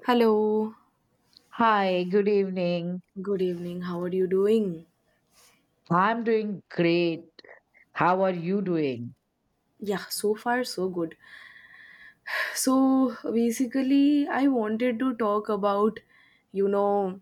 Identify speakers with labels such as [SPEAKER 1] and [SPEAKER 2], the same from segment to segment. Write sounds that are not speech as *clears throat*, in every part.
[SPEAKER 1] Hello.
[SPEAKER 2] Hi, good evening.
[SPEAKER 1] Good evening. How are you doing?
[SPEAKER 2] I'm doing great. How are you doing?
[SPEAKER 1] Yeah, so far so good. So basically, I wanted to talk about, you know,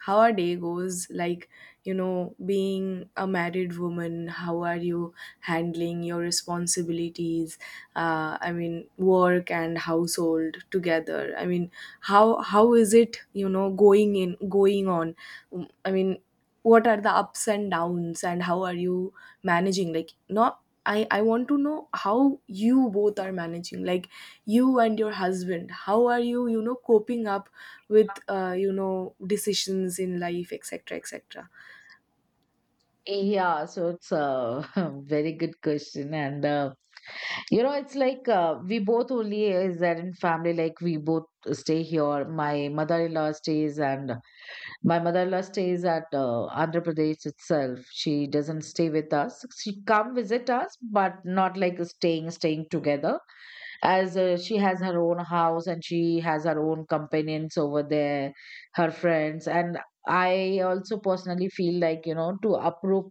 [SPEAKER 1] how our day goes, like, you know, being a married woman, how are you handling your responsibilities? I mean, work and household together. I mean, how is it, you know, going in, going on? Mm, I mean, what are the ups and downs and how are you managing, like, not I want to know how you both are managing, like you and your husband, how are you, you know, coping up with, you know, decisions in life, etc, etc,
[SPEAKER 2] Yeah, so it's a *laughs* very good question. And, it's like we both only is that in family, like we both stay here. My mother-in-law stays at Andhra Pradesh itself. She doesn't stay with us. She come visit us, but not like staying together. As she has her own house and she has her own companions over there, her friends. And I also personally feel like to approve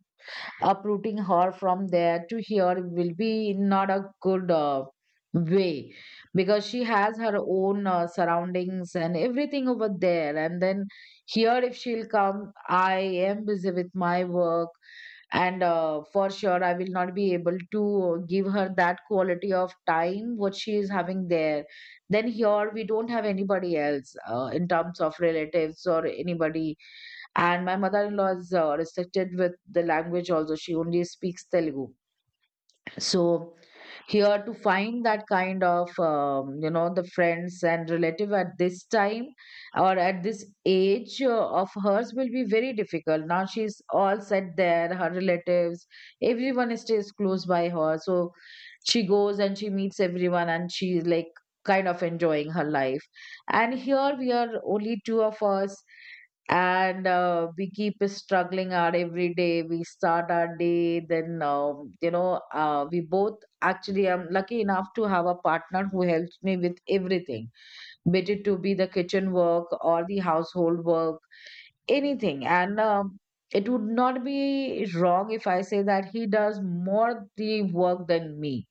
[SPEAKER 2] uprooting her from there to here will be not a good way, because she has her own surroundings and everything over there. And then here, if she'll come, I am busy with my work. And for sure I will not be able to give her that quality of time what she is having there. Then here we don't have anybody else in terms of relatives or anybody. And my mother-in-law is restricted with the language also. She only speaks Telugu. So here to find that kind of the friends and relative at this time or at this age of hers will be very difficult. Now she's all set there, her relatives, everyone stays close by her. So she goes and she meets everyone, and she's like kind of enjoying her life. And here we are only two of us. And we keep struggling out every day. We start our day. Then we both actually, I'm lucky enough to have a partner who helps me with everything, be it to be the kitchen work or the household work, anything. And it would not be wrong if I say that he does more the work than me.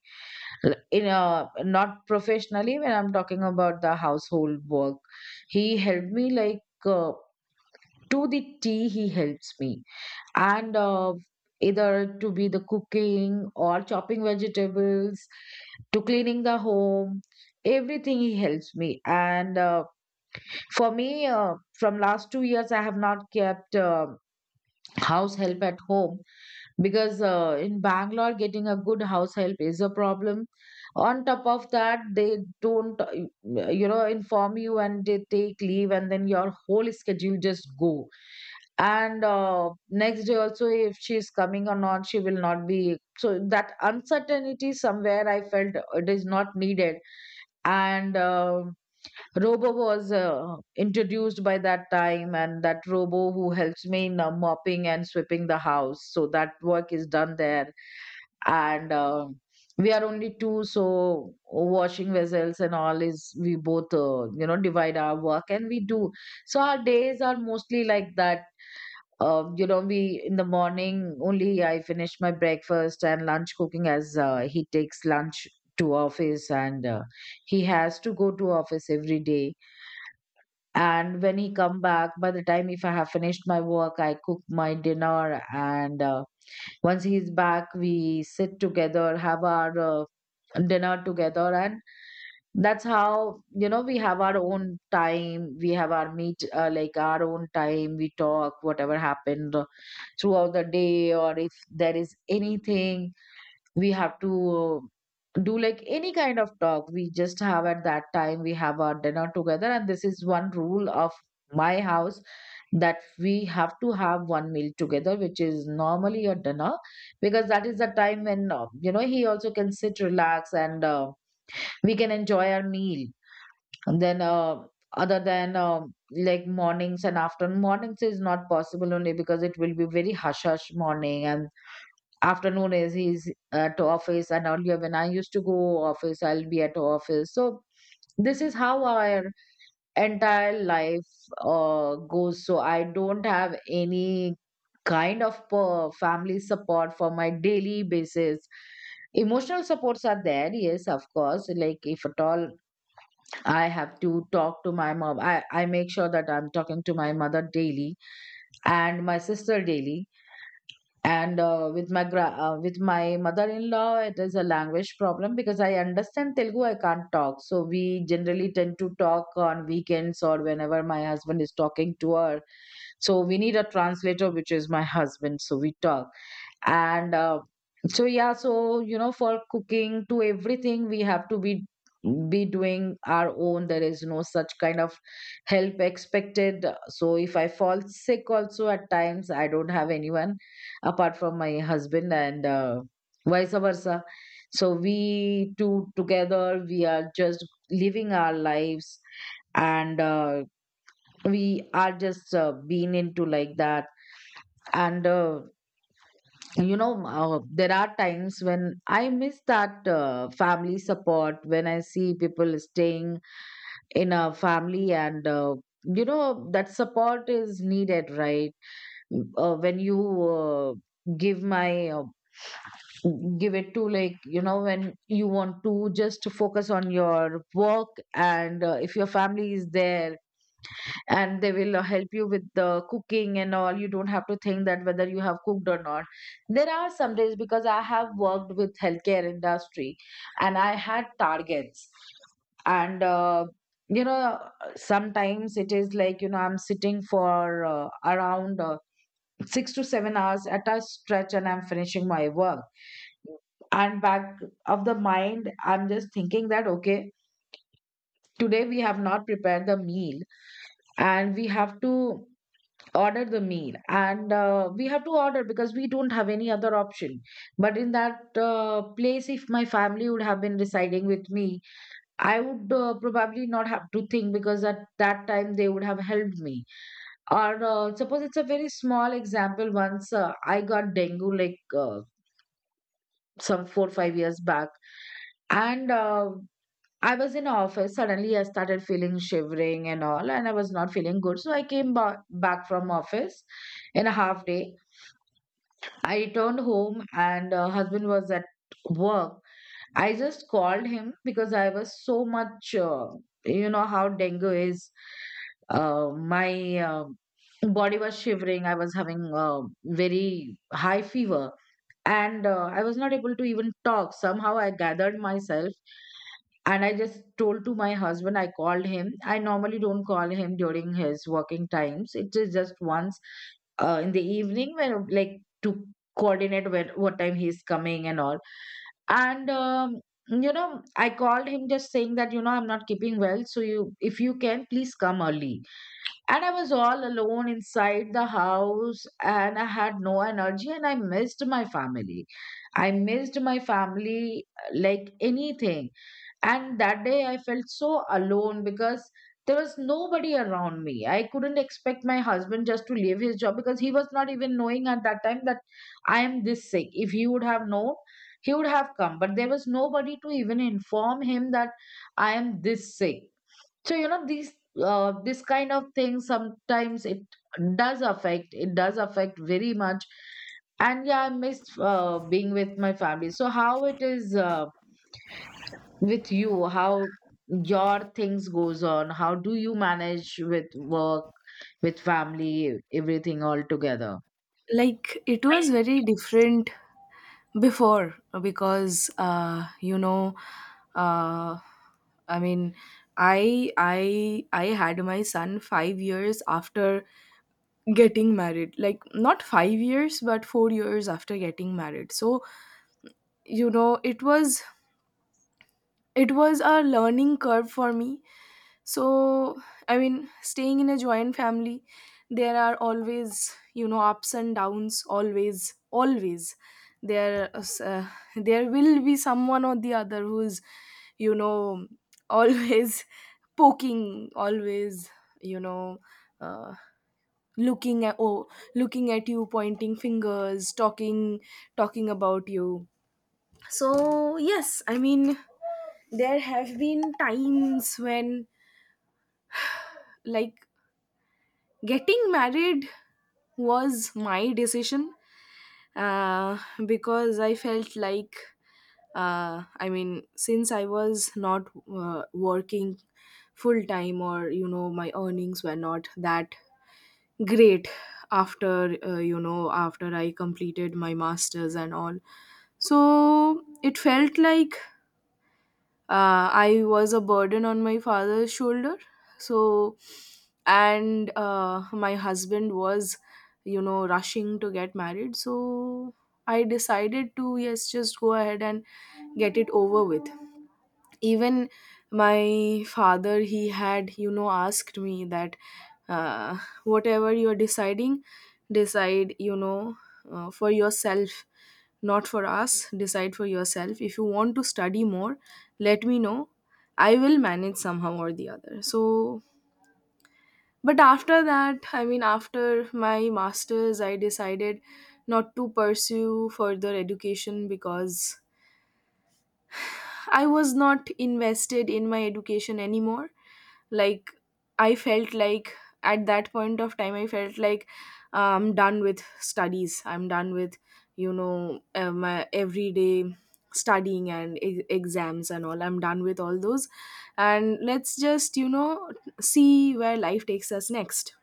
[SPEAKER 2] Not professionally, when I'm talking about the household work, he helped me, like, uh, to the tea he helps me. And either to be the cooking or chopping vegetables, to cleaning the home, everything he helps me. And for me, from last 2 years I have not kept house help at home, because in Bangalore getting a good house help is a problem. On top of that, they don't inform you, and they take leave, and then your whole schedule just go. And next day also if she is coming or not, she will not be. So that uncertainty somewhere I felt it is not needed. And robo was introduced by that time, and that robo who helps me in mopping and sweeping the house, so that work is done there. And we are only two, so washing vessels and all is we both divide our work and we do. So our days are mostly like that. We in the morning only I finish my breakfast and lunch cooking, as he takes lunch to office. And he has to go to office every day. And when he come back, by the time if I have finished my work, I cook my dinner. And once he's back, we sit together, have our dinner together. And that's how we have our own time, we have our meet like our own time, we talk whatever happened throughout the day. Or if there is anything we have to do, like any kind of talk, we just have at that time. We have our dinner together, and this is one rule of my house that we have to have one meal together, which is normally a dinner, because that is the time when he also can sit, relax. And we can enjoy our meal. And then other than like mornings and afternoon. Mornings is not possible only because it will be very hush hush morning, and afternoon is he's at office. And earlier when I used to go office, I'll be at office. So this is how our entire life goes. So I don't have any kind of family support for my daily basis. Emotional supports are there, yes, of course. Like if at all I have to talk to my mom, I make sure that I'm talking to my mother daily and my sister daily. And with my mother-in-law it is a language problem, because I understand Telugu, I can't talk. So we generally tend to talk on weekends, or whenever my husband is talking to her. So we need a translator, which is my husband, so we talk. And so yeah. So for cooking to everything we have to be doing our own. There is no such kind of help expected. So if I fall sick also at times, I don't have anyone apart from my husband, and vice versa. So we two together, we are just living our lives. And we are just being into like that. And there are times when I miss that family support when I see people staying in a family. And that support is needed, right? When you uh, give my uh, give it to, like, when you want to just focus on your work. And if your family is there, and they will help you with the cooking and all, you don't have to think that whether you have cooked or not. There are some days, because I have worked with healthcare industry and I had targets. And you know sometimes it is like, I'm sitting for around 6 to 7 hours at a stretch and I'm finishing my work. And back of the mind I'm just thinking that okay, today we have not prepared the meal, and we have to order the meal. And we have to order because we don't have any other option. But in that place, if my family would have been residing with me, I would probably not have to think, because at that time they would have helped me. Or suppose it's a very small example. Once I got dengue, like, some 4 5 years back. And I was in office. Suddenly, I started feeling shivering and all, and I was not feeling good. So I came back from office in a half day. I returned home, and husband was at work. I just called him because I was so much, you know how dengue is. My body was shivering. I was having very high fever, and I was not able to even talk. Somehow I gathered myself, and I just told to my husband. I called him. I normally don't call him during his working times. It is just once, in the evening, when like, to coordinate when what time he's coming and all. And I called him just saying that, I'm not keeping well, so you if you can please come early. And I was all alone inside the house, and I had no energy, and I missed my family. I missed my family like anything. And that day I felt so alone, because there was nobody around me. I couldn't expect my husband just to leave his job, because he was not even knowing at that time that I am this sick. If he would have known, he would have come. But there was nobody to even inform him that I am this sick. So, these this kind of things, sometimes it does affect, it does affect very much. And yeah, I miss being with my family. So how it is, with you? How your things goes on? How do you manage with work, with family, everything all together?
[SPEAKER 1] like it was very different before. Because you know, uh, I mean, I had my son 5 years after getting married, like not 5 years but 4 years after getting married. So you know, it was a learning curve for me. So I mean, staying in a joint family, there are always, you know, ups and downs, always, always there. uh, there will be someone or the other who is, you know, always *laughs* poking, always, you know, uh, looking at, looking at you, pointing fingers, talking, talking about you. So yes, I mean, there have been times when, like, getting married was my decision. uh, because I felt like, I mean, since I was not working full time, or you know, my earnings were not that great after, you know, after I completed my masters and all. So it felt like, I was a burden on my father's shoulder. So, and my husband was, you know, rushing to get married, so I decided to, yes, just go ahead and get it over with. Even my father, he had, you know, asked me that, uh, whatever you are deciding, decide, you know, for yourself, not for us. Decide for yourself. If you want to study more, let me know, I will manage somehow or the other. So, but after that, I mean, after my masters, I decided not to pursue further education because I was not invested in my education anymore. Like, I felt like, at that point of time I felt like, I'm done with studies, I'm done with, you know, my everyday studying and exams and all, I'm done with all those, and let's just, you know, see where life takes us next.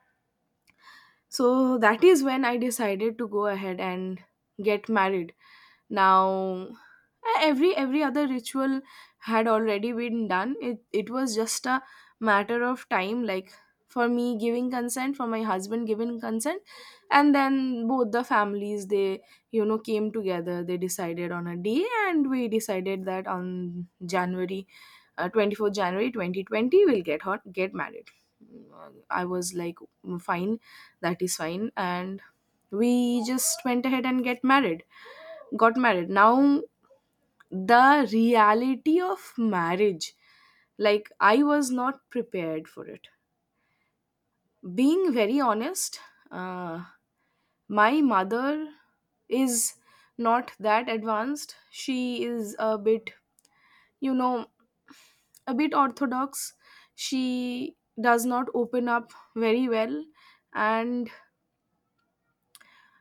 [SPEAKER 1] So that is when I decided to go ahead and get married. Now every every other ritual had already been done. It was just a matter of time, like, for me giving consent, for my husband giving consent. And then both the families, they, you know, came together, they decided on a day, and we decided that on January 24th January 2020 we'll get married. I was like, "Mm, fine, that is fine," and we just went ahead and get married got married. Now the reality of marriage, like, I was not prepared for it, being very honest. uh, my mother is not that advanced. She is a bit, you know, a bit orthodox. She does not open up very well, and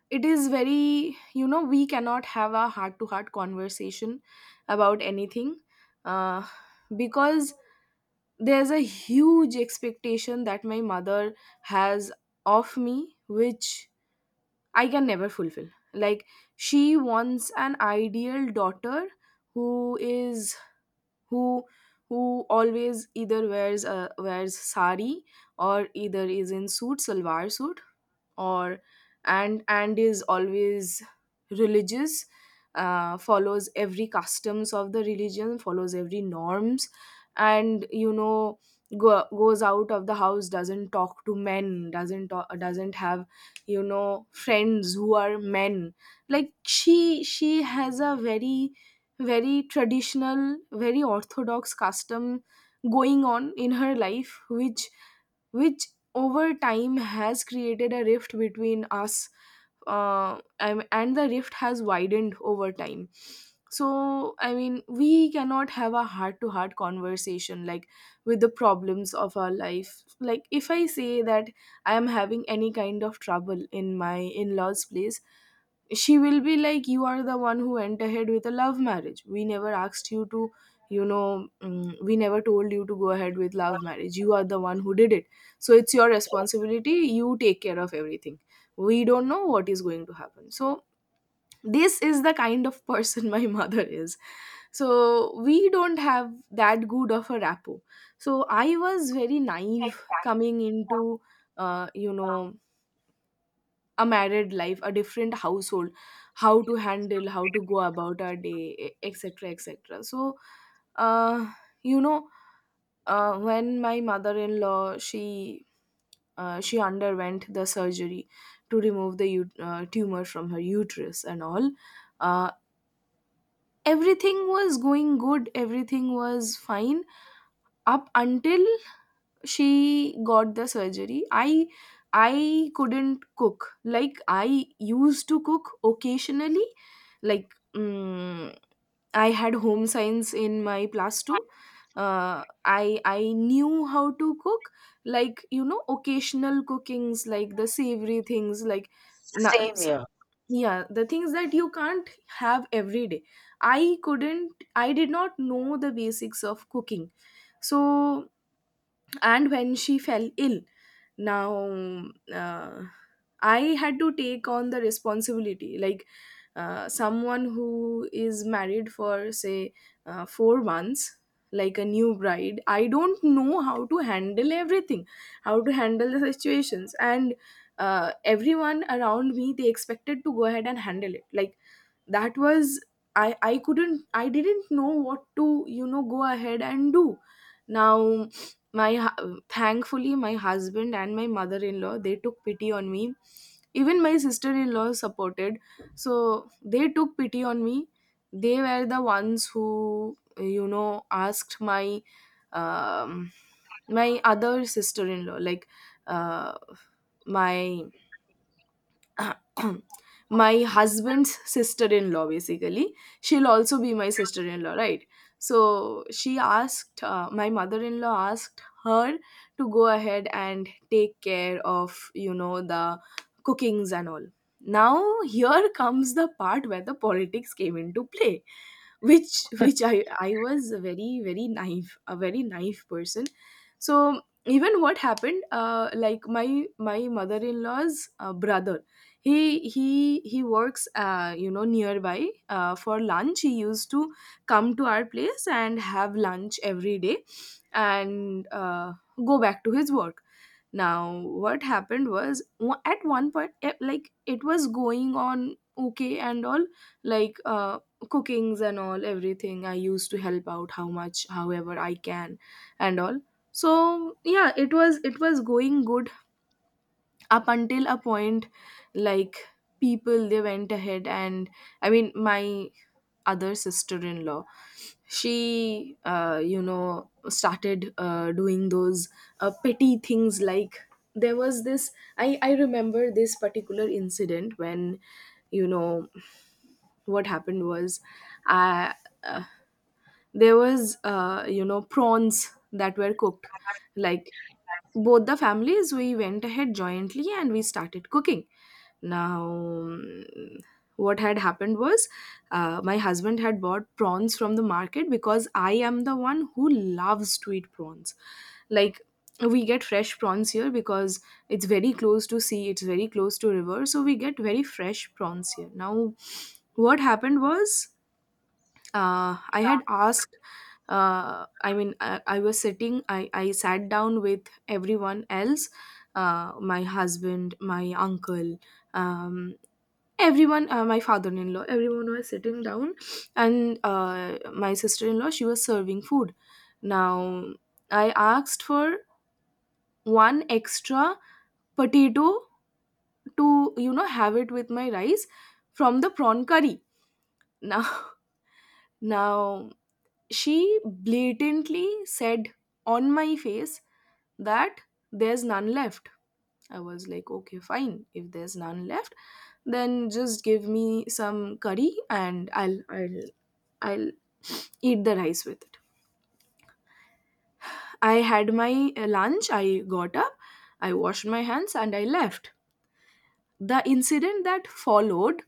[SPEAKER 1] it is very, you know, we cannot have a heart to heart conversation about anything. uh, because there's a huge expectation that my mother has of me, which I can never fulfill. Like, she wants an ideal daughter who is, who who always either wears sari or either is in suit salwar suit, or, and is always religious, follows every customs of the religion, follows every norms, and you know, goes out of the house, doesn't talk to men, doesn't have, you know, friends who are men. Like she has a very, very traditional, very orthodox custom going on in her life, which over time has created a rift between us. And the rift has widened over time. So I mean, we cannot have a heart to heart conversation, like, with the problems of our life. Like, if I say that I am having any kind of trouble in my in-laws place, she will be like, "You are the one who went ahead with a love marriage, we never asked you to, you know, we never told you to go ahead with love marriage. You are the one who did it, so it's your responsibility, you take care of everything, we don't know what is going to happen." So this is the kind of person *laughs* my mother is. So we don't have that good of a rapport. So I was very naive coming into, you know, a married life, a different household, how to handle, how to go about our day, etc, etc. So uh, you know, when my mother-in-law, she, she underwent the surgery to remove the tumor from her uterus and all. Uh, Everything was going good, everything was fine up until she got the surgery. I couldn't cook. Like, I used to cook occasionally, like, mm, I had home science in my plus two. Uh, I knew how to cook, like, you know, occasional cookings, like the savory things, like na-
[SPEAKER 2] Same
[SPEAKER 1] s-
[SPEAKER 2] here.
[SPEAKER 1] yeah, the things that you can't have every day. I couldn't. I did not know the basics of cooking. So, and when she fell ill, now, uh, I had to take on the responsibility, like, someone who is married for, say, 4 months, like a new bride. I don't know how to handle everything, how to handle the situations. And everyone around me, they expected to go ahead and handle it, like, that was, I couldn't, I didn't know what to, you know, go ahead and do. Now thankfully my husband and my mother-in-law, they took pity on me. Even my sister-in-law supported, so they took pity on me. They were the ones who, you know, asked my, um, my other sister-in-law, like, uh my *clears throat* my husband's sister-in-law basically, she'll also be my sister-in-law, right? So she asked, my mother-in-law asked her to go ahead and take care of, you know, the cookings and all. Now here comes the part where the politics came into play, which, which I was a very, very naive, a very naive person. So, even what happened, like, my mother-in-law's brother, he works, you know, nearby. For lunch he used to come to our place and have lunch every day, and go back to his work. Now what happened was, at one point, like, it was going on okay and all, like, cookings and all, everything I used to help out, how much, however I can, and all. So yeah, it was, it was going good up until a point, like, people they went ahead and, I mean, my other sister-in-law, she, you know, started doing those petty things. Like, there was this, I remember this particular incident when, you know, what happened was, I, uh, there was, you know, prawns that were cooked. Like, both the families, we went ahead jointly and we started cooking. Now what had happened was, my husband had bought prawns from the market because I am the one who loves to eat prawns. Like, we get fresh prawns here because it's very close to sea, it's very close to river, so we get very fresh prawns here. Now what happened was, I had asked. I mean, I was sitting. I sat down with everyone else, my husband, my uncle, um, everyone, my father-in-law. Everyone was sitting down, and my sister-in-law, she was serving food. Now I asked for one extra potato to, you know, have it with my rice from the prawn curry. Now *laughs* now she blatantly said on my face that there's none left. I was like, okay, fine, if there's none left, then just give me some curry and I'll eat the rice with it. I had my lunch. I got up, I washed my hands, and I left. The incident that followed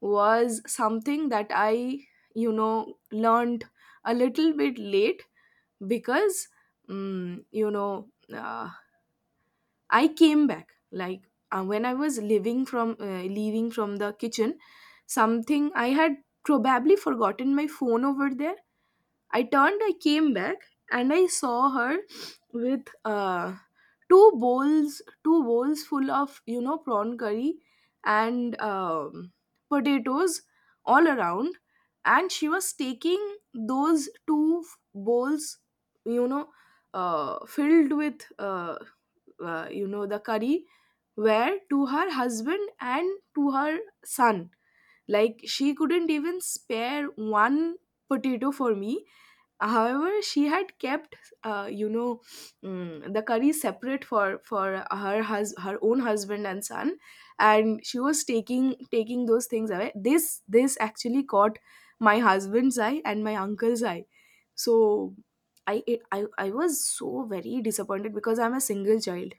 [SPEAKER 1] was something that I, you know, learned a little bit late because, you know, uh, I came back, like, when I was living from, leaving from the kitchen, something I had probably forgotten my phone over there. I turned, I came back, and I saw her with, two bowls full of, you know, prawn curry and, potatoes all around, and she was taking those bowls, you know, filled with, you know, the curry, where to her husband and to her son. Like, she couldn't even spare one potato for me. However, she had kept, you know, the curry separate for her her own husband and son, and she was taking, taking those things away. This actually caught my husband's eye and my uncle's eye. So I it, I was so very disappointed because I'm a single child.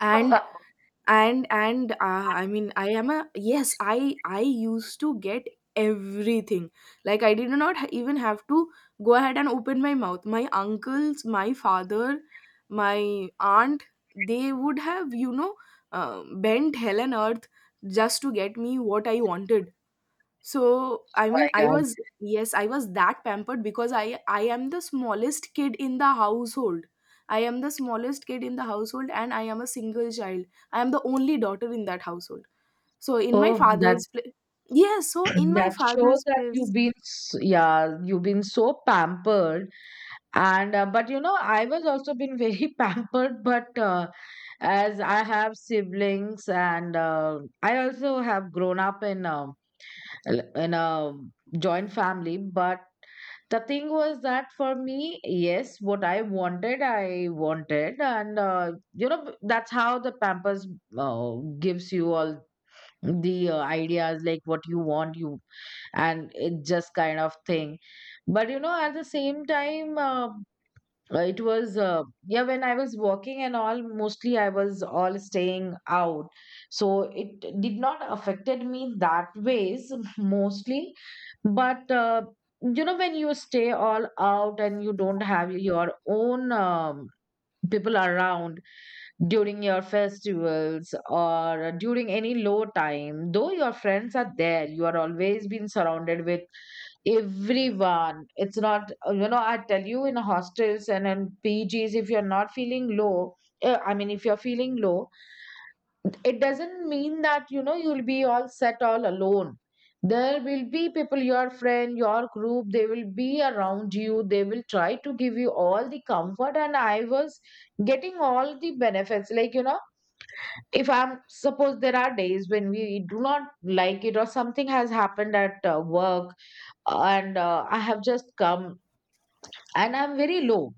[SPEAKER 1] And,
[SPEAKER 2] *laughs*
[SPEAKER 1] and I mean, I am a, yes, I used to get everything. Like, I did not even have to go ahead and open my mouth. My uncles, my father, my aunt, they would have, you know, bent hell and earth just to get me what I wanted. So
[SPEAKER 2] Oh
[SPEAKER 1] I
[SPEAKER 2] my
[SPEAKER 1] mean, I
[SPEAKER 2] God.
[SPEAKER 1] was, yes, I was that pampered because I am the smallest kid in the household. I am the smallest kid in the household, and I am a single child. I am the only daughter in that household. So in my
[SPEAKER 2] Oh, that
[SPEAKER 1] father's yes, so
[SPEAKER 2] *clears throat*
[SPEAKER 1] in my
[SPEAKER 2] that shows
[SPEAKER 1] father's
[SPEAKER 2] that
[SPEAKER 1] place,
[SPEAKER 2] yeah, you've been so pampered. And but you know, I was also been very *laughs* pampered, but as I have siblings, and I also have grown up in a joint family. But the thing was that for me, yes, what I wanted I wanted, and you know, that's how the pampers uh, gives you all the ideas like what you want you, and it just kind of thing. But you know, at the same time, it was yeah, when I was working and all, mostly I was all staying out, so it did not affected me that ways *laughs* mostly. But you know, when you stay all out and you don't have your own people around during your festivals or during any low time, though your friends are there, you are always been surrounded with everyone. It's not, you know, I tell you, in hostels and in pgs, if you're not feeling low, I mean, if you're feeling low, it doesn't mean that, you know, you'll be all set all alone. There will be people, your friend, your group, they will be around you, they will try to give you all the comfort. And I was getting all the benefits, like, you know, if I'm suppose there are days when we do not like it or something has happened at work, and I have just come and I'm very low.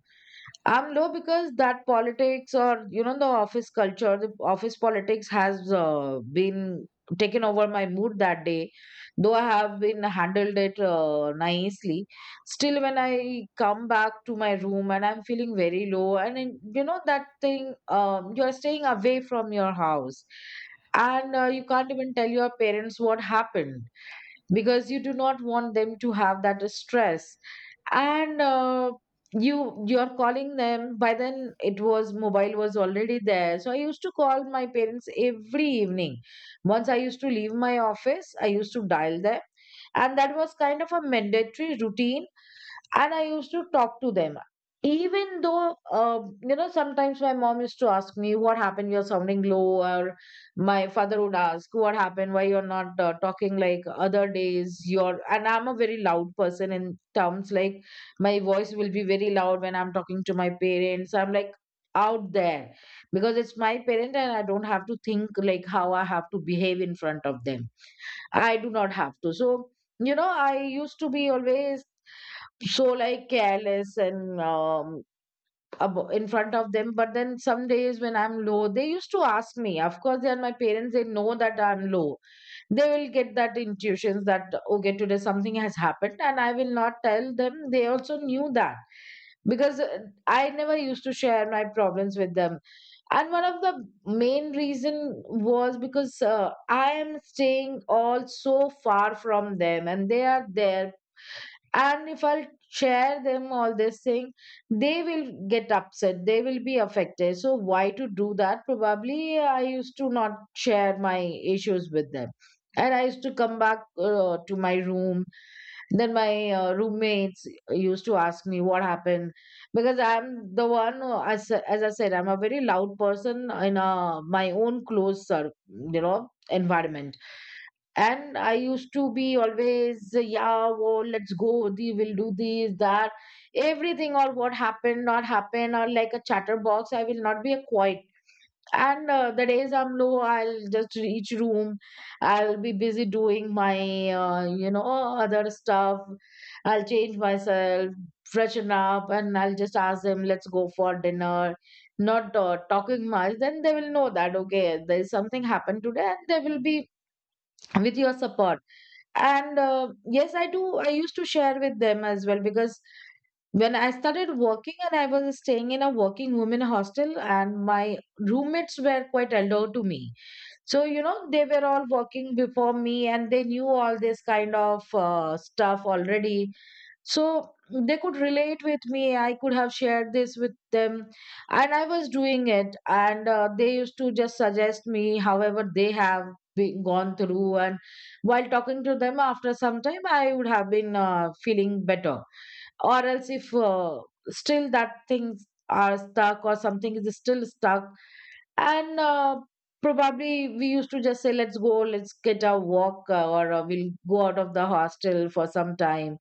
[SPEAKER 2] I'm low because that politics or, you know, the office culture, the office politics has been taken over my mood that day. Though I have been handled it nicely, still when I come back to my room and I'm feeling very low and in, you know, that thing, you're staying away from your house, and you can't even tell your parents what happened because you do not want them to have that stress. And you're calling them. By then it was mobile was already there, so I used to call my parents every evening. Once I used to leave my office, I used to dial them, and that was kind of a mandatory routine. And I used to talk to them, even though you know, sometimes my mom used to ask me, what happened, you're sounding low, or my father would ask, what happened, why you're not talking like other days, you're. And I'm a very loud person in terms like my voice will be very loud when I'm talking to my parents. I'm like out there, because it's my parent and I don't have to think like how I have to behave in front of them. I do not have to. So, you know, I used to be always so like careless and, abo in front of them. But then some days when I'm low, they used to ask me. Of course, they are my parents, they know that I'm low, they will get that intuitions that okay, today something has happened, and I will not tell them, they also knew that, because I never used to share my problems with them. And one of the main reason was because I am staying all so far from them and they are there, and if I'll share them all this thing, they will get upset, they will be affected, so why to do that. Probably I used to not share my issues with them, and I used to come back to my room. Then my roommates used to ask me what happened, because I'm the one, as I said, I'm a very loud person in my own you know, environment. And I used to be always, yeah, whoa, let's go, the, we'll do this, that, everything, or what happened, not happened, or like a chatterbox. I will not be a quiet. And the days I'm low, I'll just reach room. I'll be busy doing my, you know, other stuff. I'll change myself, freshen up, and I'll just ask them, let's go for dinner. Not talking much, then they will know that okay, there is something happened today, and they will be with your support. And yes, I used to share with them as well, because when I started working and I was staying in a working women hostel, and my roommates were quite elder to me, so you know, they were all working before me and they knew all this kind of stuff already. So they could relate with me, I could have shared this with them, and I was doing it. And they used to just suggest me however they have been gone through. And while talking to them after some time, I would have been feeling better. Or else, if still that things are stuck or something is still stuck, and probably we used to just say, let's go, let's get a walk, or we'll go out of the hostel for some time.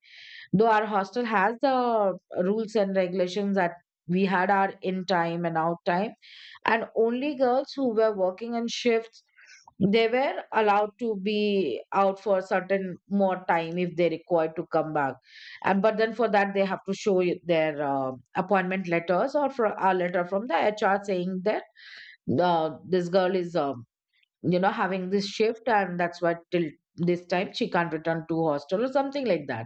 [SPEAKER 2] Though our hostel has the rules and regulations that we had our in time and out time, and only girls who were working in shifts, they were allowed to be out for certain more time if they required to come back. And but then for that, they have to show you their appointment letters or for a letter from the HR saying that this girl is, you know, having this shift and that's why till this time she can't return to hostel or something like that.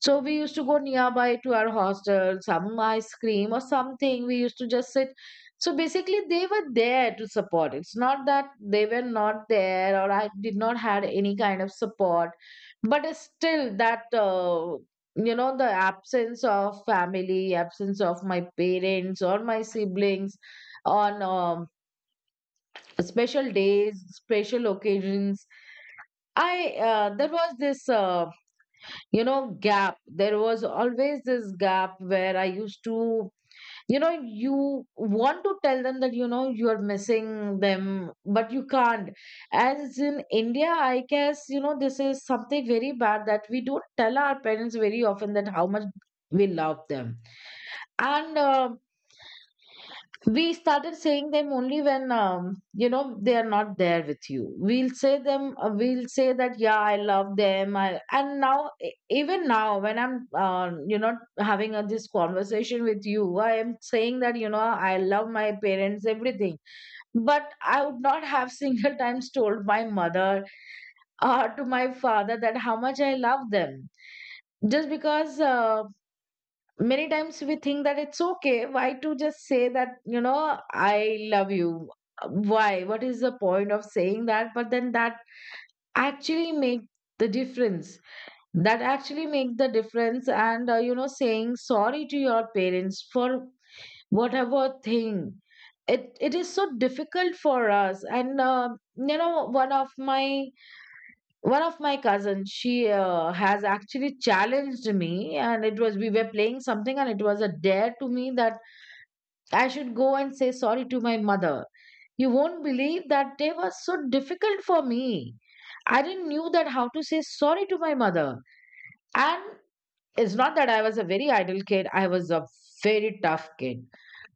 [SPEAKER 2] So we used to go nearby to our hostel some ice cream or something, we used to just sit. So basically they were there to support. It's not that they were not there or I did not had any kind of support. But it's still that, you know, the absence of family, absence of my parents or my siblings on, special days, special occasions, I there was this, you know, gap, there was always this gap where I used to, you know, you want to tell them that, you know, you are missing them, but you can't. As in India, I guess, you know, this is something very bad that we don't tell our parents very often that how much we love them. And we started saying them only when, you know, they are not there with you, we'll say them, we'll say that, yeah, I love them. And now, even now when I'm, you know, having, this conversation with you, I am saying that, you know, I love my parents, everything. But I would not have *laughs* single times told my mother or to my father that how much I love them, just because, many times we think that it's okay, why to just say that, you know, I love you, why, what is the point of saying that. But then that actually make the difference, that actually make the difference. And you know, saying sorry to your parents for whatever thing, it is so difficult for us. And you know, one of my cousins, she has actually challenged me, and it was, we were playing something, and it was a dare to me that I should go and say sorry to my mother. You won't believe that day was so difficult for me. I didn't knew that how to say sorry to my mother. And it's not that I was a very idle kid, I was a very tough kid.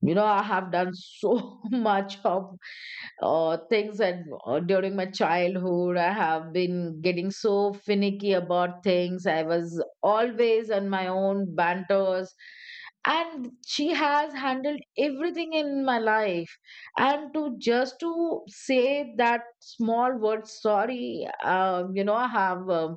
[SPEAKER 2] You know, I have done so *laughs* much of things, and during my childhood, I have been getting so finicky about things, I was always on my own banters, and she has handled everything in my life. And to just to say that small word sorry, you know, I have,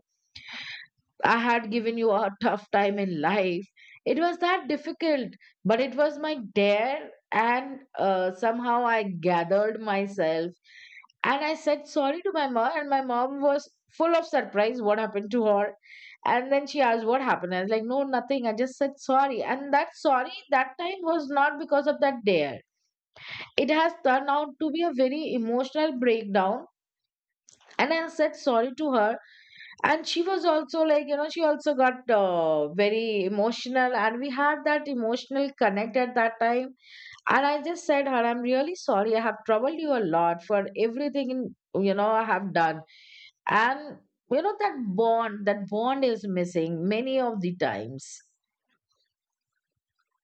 [SPEAKER 2] I had given you a tough time in life, it was that difficult. But it was my dare, and somehow I gathered myself, and I said sorry to my mom, and my mom was full of surprise what happened to her. And then she asked what happened. I was like, no, nothing, I just said sorry. And that sorry that time was not because of that dare, it has turned out to be a very emotional breakdown. And I said sorry to her, and she was also like, you know, she also got very emotional, and we had that emotional connect at that time. And I just said her, I'm really sorry, I have troubled you a lot for everything in, you know, I have done. And you know, that bond is missing many of the times.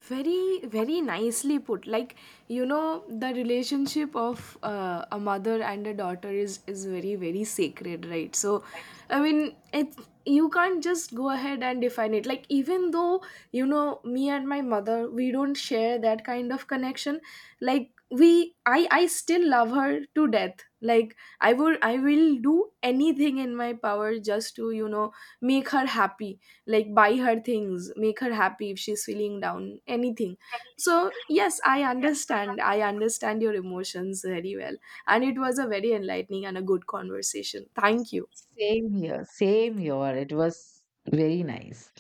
[SPEAKER 1] very, very nicely put. Like, you know, the relationship of a mother and a daughter is very, very sacred, right? So I mean, it, you can't just go ahead and define it. Like, even though, you know, me and my mother, we don't share that kind of connection, like, we, I still love her to death. Like, I would, I will do anything in my power just to, you know, make her happy. Like, buy her things, make her happy if she's feeling down, anything. So yes, I understand, I understand your emotions very well, and it was a very enlightening and a good conversation. Thank you.
[SPEAKER 2] Same here, same here. It was very nice.